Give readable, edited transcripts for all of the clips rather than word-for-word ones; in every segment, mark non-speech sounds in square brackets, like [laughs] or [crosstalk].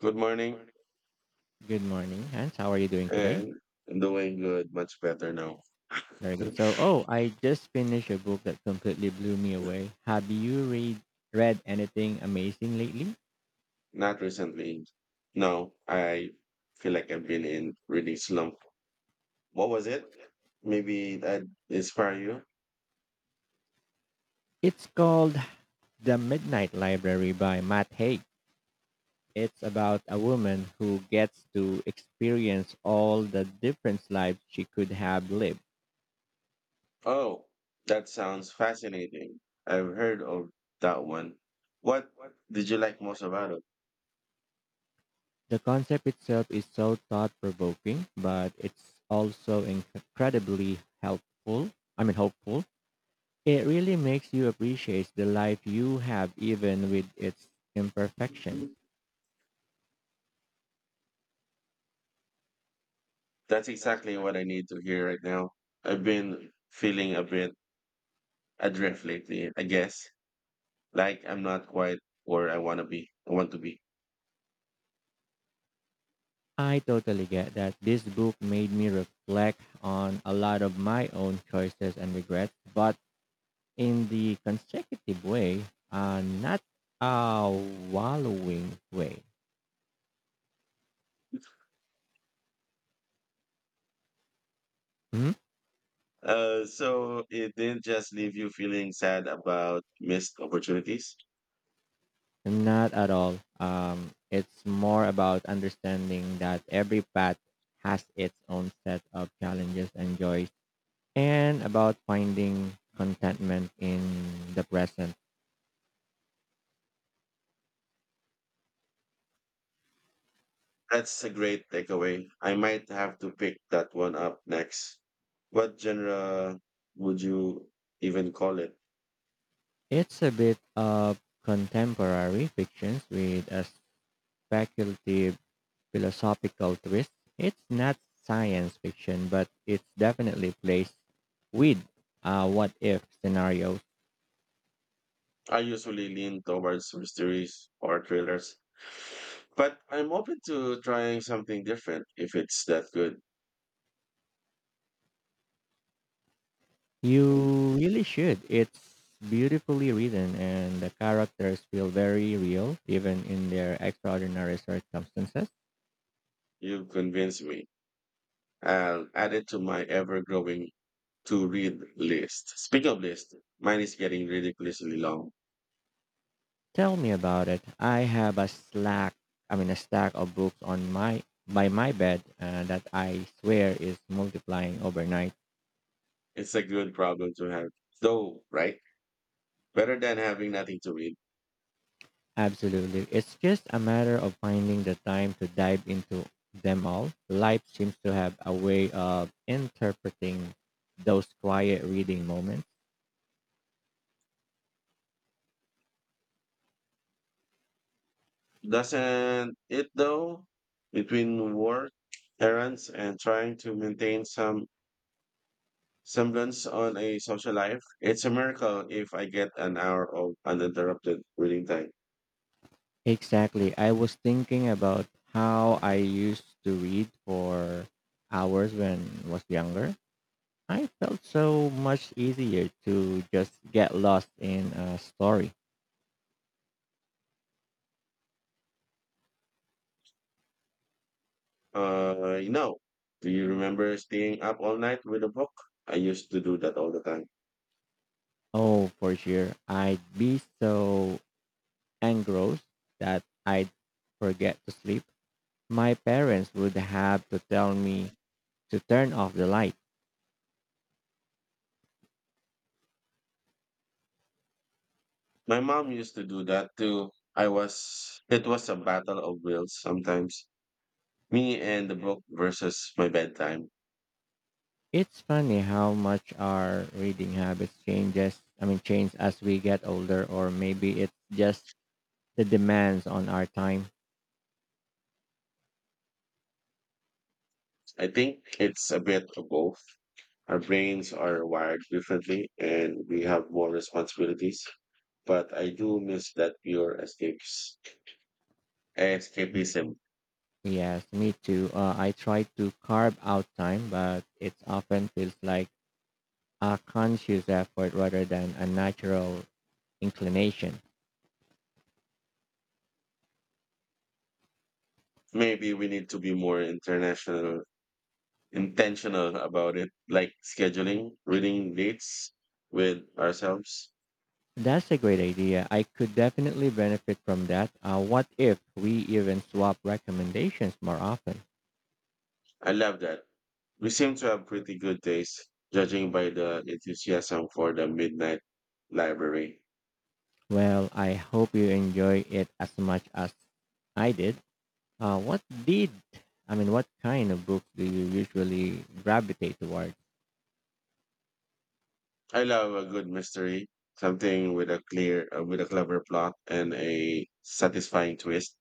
Good morning, Good morning, Hans. How are you doing today? and doing good, much better now. Very [laughs] good. I just finished a book that completely blew me away. Have you read anything amazing lately? Not recently. No, I feel like I've been in really slump. What was it? Maybe that inspire you? It's called The Midnight Library by Matt Haig. It's about a woman who gets to experience all the different lives she could have lived. Oh, that sounds fascinating. I've heard of that one. What did you like most about it? The concept itself is so thought-provoking, but it's also incredibly helpful. I mean, hopeful. It really makes you appreciate the life you have even with its imperfections. That's exactly what I need to hear right now. I've been feeling a bit adrift lately, I guess. Like I'm not quite where I want to be. I want to be. I totally get that this book made me reflect on a lot of my own choices and regrets, but in the consecutive way, not a wallowing way. Mhm. So it didn't just leave you feeling sad about missed opportunities. Not at all. It's more about understanding that every path has its own set of challenges and joys and about finding contentment in the present. That's a great takeaway. I might have to pick that one up next. What genre would you even call it? It's a bit of contemporary fictions with a speculative philosophical twist. It's not science fiction, but it's definitely placed with what if scenarios. I usually lean towards mysteries or thrillers, but I'm open to trying something different if it's that good. You really should. It's beautifully written, and the characters feel very real, even in their extraordinary circumstances. You convinced me. I'll add it to my ever growing to read list. Speaking of list, mine is getting ridiculously long. Tell me about it. I have a slack, I mean a stack of books on my by my bed that I swear is multiplying overnight. It's a good problem to have, though, right? Better than having nothing to read. Absolutely. It's just a matter of finding the time to dive into them all. Life seems to have a way of interpreting those quiet reading moments. Doesn't it, though? Between work, errands, and trying to maintain some semblance on a social life, it's a miracle if I get an hour of uninterrupted reading time. Exactly. I was thinking about how I used to read for hours when I was younger. I felt so much easier to just get lost in a story. Uh, you know, do you remember staying up all night with a book? I used to do that all the time. Oh, for sure. I'd be so engrossed that I'd forget to sleep. My parents would have to tell me to turn off the light. My mom used to do that too. It was a battle of wills sometimes. Me and the book versus my bedtime. It's funny how much our reading habits change as we get older, or maybe it's just the demands on our time. I think it's a bit of both. Our brains are wired differently and we have more responsibilities, but I do miss that pure escapism. Yes, me too. I try to carve out time, but it often feels like a conscious effort rather than a natural inclination. Maybe we need to be more intentional about it, like scheduling reading dates with ourselves. That's a great idea. I could definitely benefit from that. What if we even swap recommendations more often? I love that. We seem to have pretty good days, judging by the enthusiasm for the midnight library. Well, I hope you enjoy it as much as I did. What did I mean? What kind of books do you usually gravitate toward? I love a good mystery, something with a clever plot and a satisfying twist.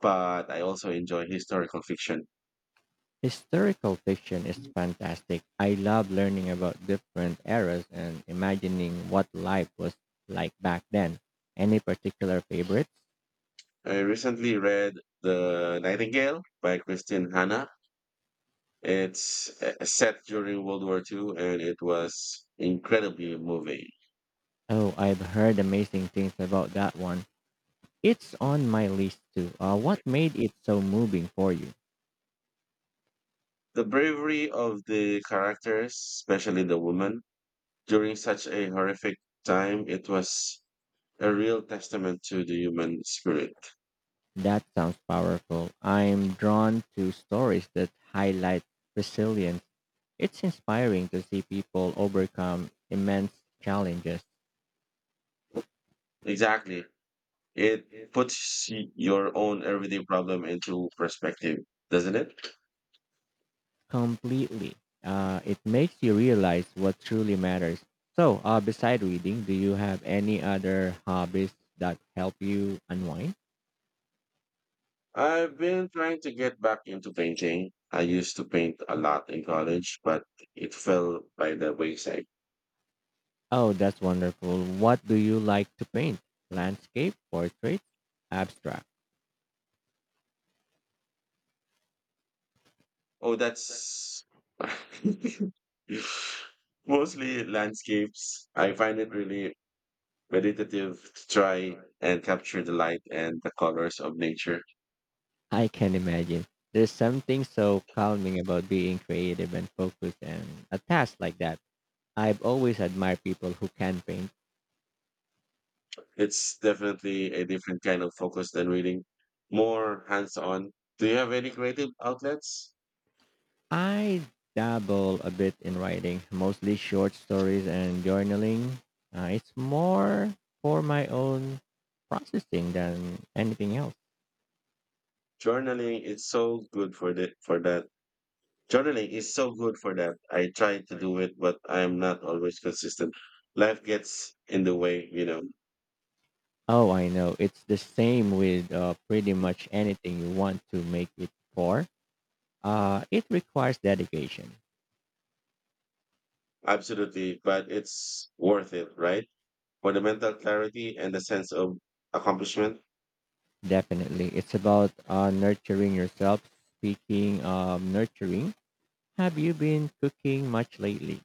But I also enjoy historical fiction. Historical fiction is fantastic. I love learning about different eras and imagining what life was like back then. Any particular favorites? I recently read *The Nightingale* by Christine Hanna. It's set during World War Two, and it was incredibly moving. Oh, I've heard amazing things about that one. It's on my list too. What made it so moving for you? The bravery of the characters, especially the woman, during such a horrific time, it was a real testament to the human spirit. That sounds powerful. I'm drawn to stories that highlight resilience. It's inspiring to see people overcome immense challenges. Exactly. It puts your own everyday problem into perspective, doesn't it? Completely. It makes you realize what truly matters. So beside reading, do you have any other hobbies that help you unwind? I've been trying to get back into painting. I used to paint a lot in college, but it fell by the wayside. Oh, that's wonderful. What do you like to paint? Landscape, portrait, abstract? Oh, that's [laughs] mostly landscapes. I find it really meditative to try and capture the light and the colors of nature. I can imagine. There's something so calming about being creative and focused and a task like that. I've always admired people who can paint. It's definitely a different kind of focus than reading, more hands-on. Do you have any creative outlets? I dabble a bit in writing, mostly short stories and journaling. It's more for my own processing than anything else. Journaling is so good for the for that. Journaling is so good for that. I try to do it, but I am not always consistent. Life gets in the way, you know. Oh, I know. It's the same with pretty much anything you want to make it for. It requires dedication. Absolutely, but it's worth it, right? For the mental clarity and the sense of accomplishment. Definitely. It's about nurturing yourself. Speaking of nurturing, have you been cooking much lately?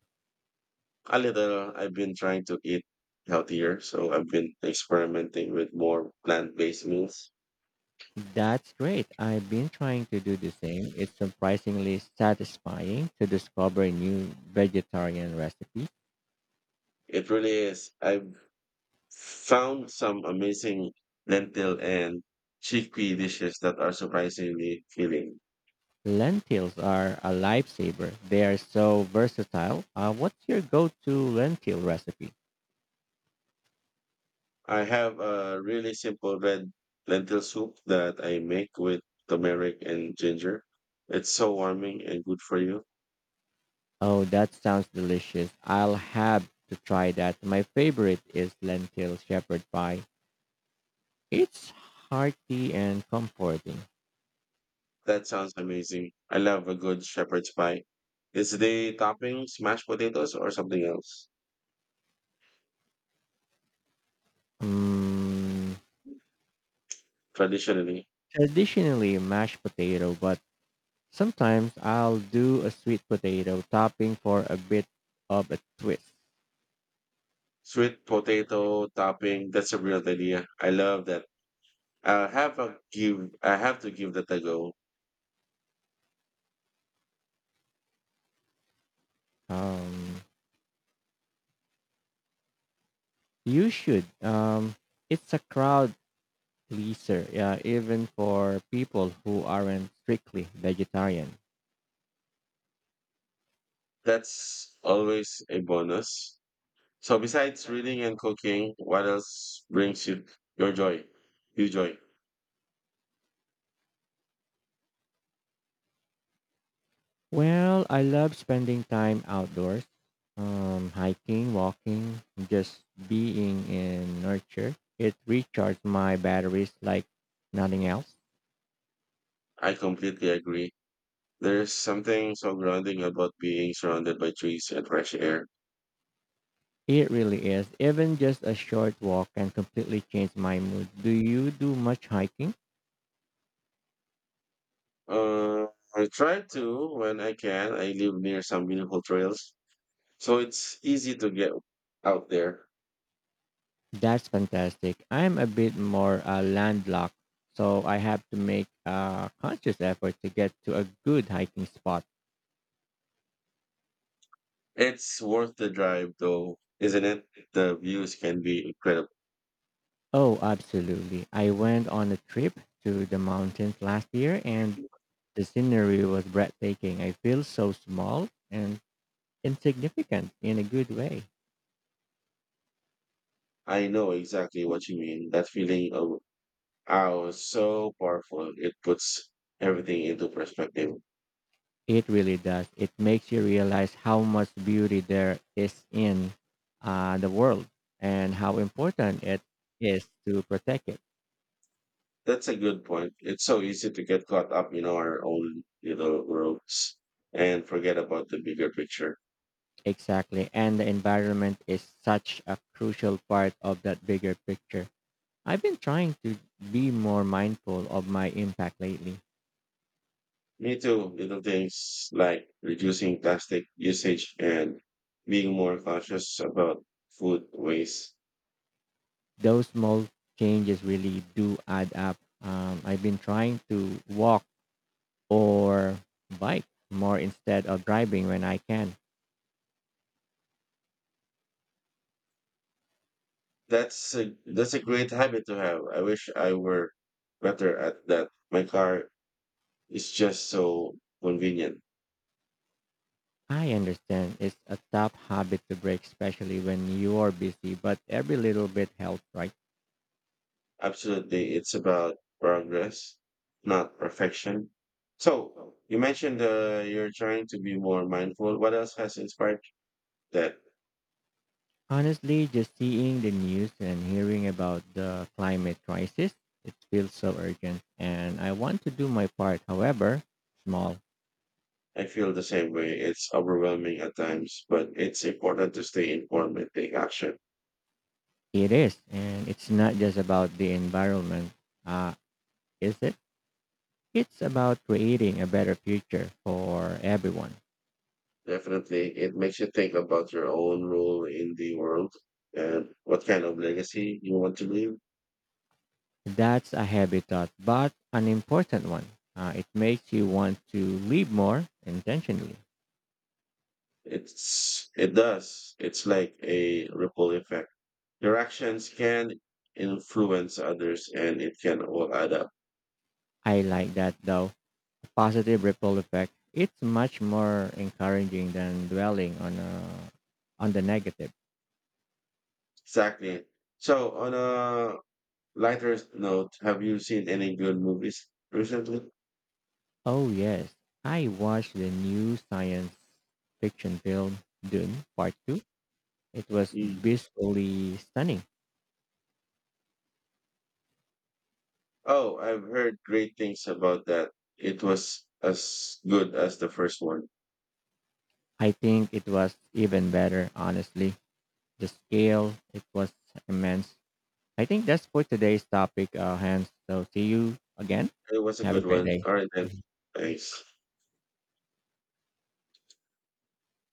A little, I've been trying to eat healthier, so I've been experimenting with more plant-based meals. That's great. I've been trying to do the same. It's surprisingly satisfying to discover new vegetarian recipes. It really is. I've found some amazing lentil and chickpea dishes that are surprisingly filling. Lentils are a lifesaver. They are so versatile. What's your go-to lentil recipe? I have a really simple red lentil soup that I make with turmeric and ginger. It's so warming and good for you. Oh, that sounds delicious. I'll have to try that. My favorite is lentil shepherd pie. It's hearty and comforting. That sounds amazing. I love a good shepherd's pie. Is the topping mashed potatoes or something else? Mm, Traditionally, Traditionally mashed potato, but sometimes I'll do a sweet potato topping for a bit of a twist. sweet potato topping. That's a real idea. I love that. I have a give. I have to give that a go. Um, you should. It's a crowd pleaser, yeah, even for people who aren't strictly vegetarian. That's always a bonus. So besides reading and cooking, what else brings you your joy? Well, I love spending time outdoors, hiking, walking, just being in nature. It recharges my batteries like nothing else. I completely agree. There's something so grounding about being surrounded by trees and fresh air. It really is. Even just a short walk can completely change my mood. Do you do much hiking? Uh, I try to when I can. I live near some beautiful trails, so it's easy to get out there. That's fantastic. I'm a bit more landlocked, so I have to make a conscious effort to get to a good hiking spot. It's worth the drive, though, isn't it? The views can be incredible. Oh, absolutely. I went on a trip to the mountains last year and the scenery was breathtaking. I feel so small and insignificant in a good way. I know exactly what you mean. That feeling of awe is so powerful. It puts everything into perspective. It really does. It makes you realize how much beauty there is in the world and how important it is to protect it. That's a good point. It's so easy to get caught up in our own little worlds and forget about the bigger picture. Exactly. And the environment is such a crucial part of that bigger picture. I've been trying to be more mindful of my impact lately. Me too. Little things like reducing plastic usage and being more conscious about food waste. Those small changes really do add up. I've been trying to walk or bike more instead of driving when I can. That's a great habit to have. I wish I were better at that. My car is just so convenient. I understand it's a tough habit to break, especially when you are busy, but every little bit helps, right? Absolutely. It's about progress, not perfection. So you mentioned you're trying to be more mindful. What else has inspired that? Honestly, just seeing the news and hearing about the climate crisis, it feels so urgent, and I want to do my part. However small I feel the same way. It's overwhelming at times, but it's important to stay informed and take action. it is, and it's not just about the environment, uh, is it? It's about creating a better future for everyone. Definitely. It makes you think about your own role in the world and what kind of legacy you want to leave. That's a heavy thought, but an important one. It makes you want to live more intentionally. It does. It's like a ripple effect. Your actions can influence others and it can all add up. I like that though. Positive ripple effect. It's much more encouraging than dwelling on on the negative. Exactly. So, on a lighter note, have you seen any good movies recently? Oh yes, I watched the new science fiction film Dune Part Two. It was Mm. visually stunning. Oh, I've heard great things about that. It was as good as the first one. I think it was even better, honestly. The scale, it was immense. I think that's for today's topic, Hans. So see you again. It was a Have a good great one. day. All right, then. Thanks.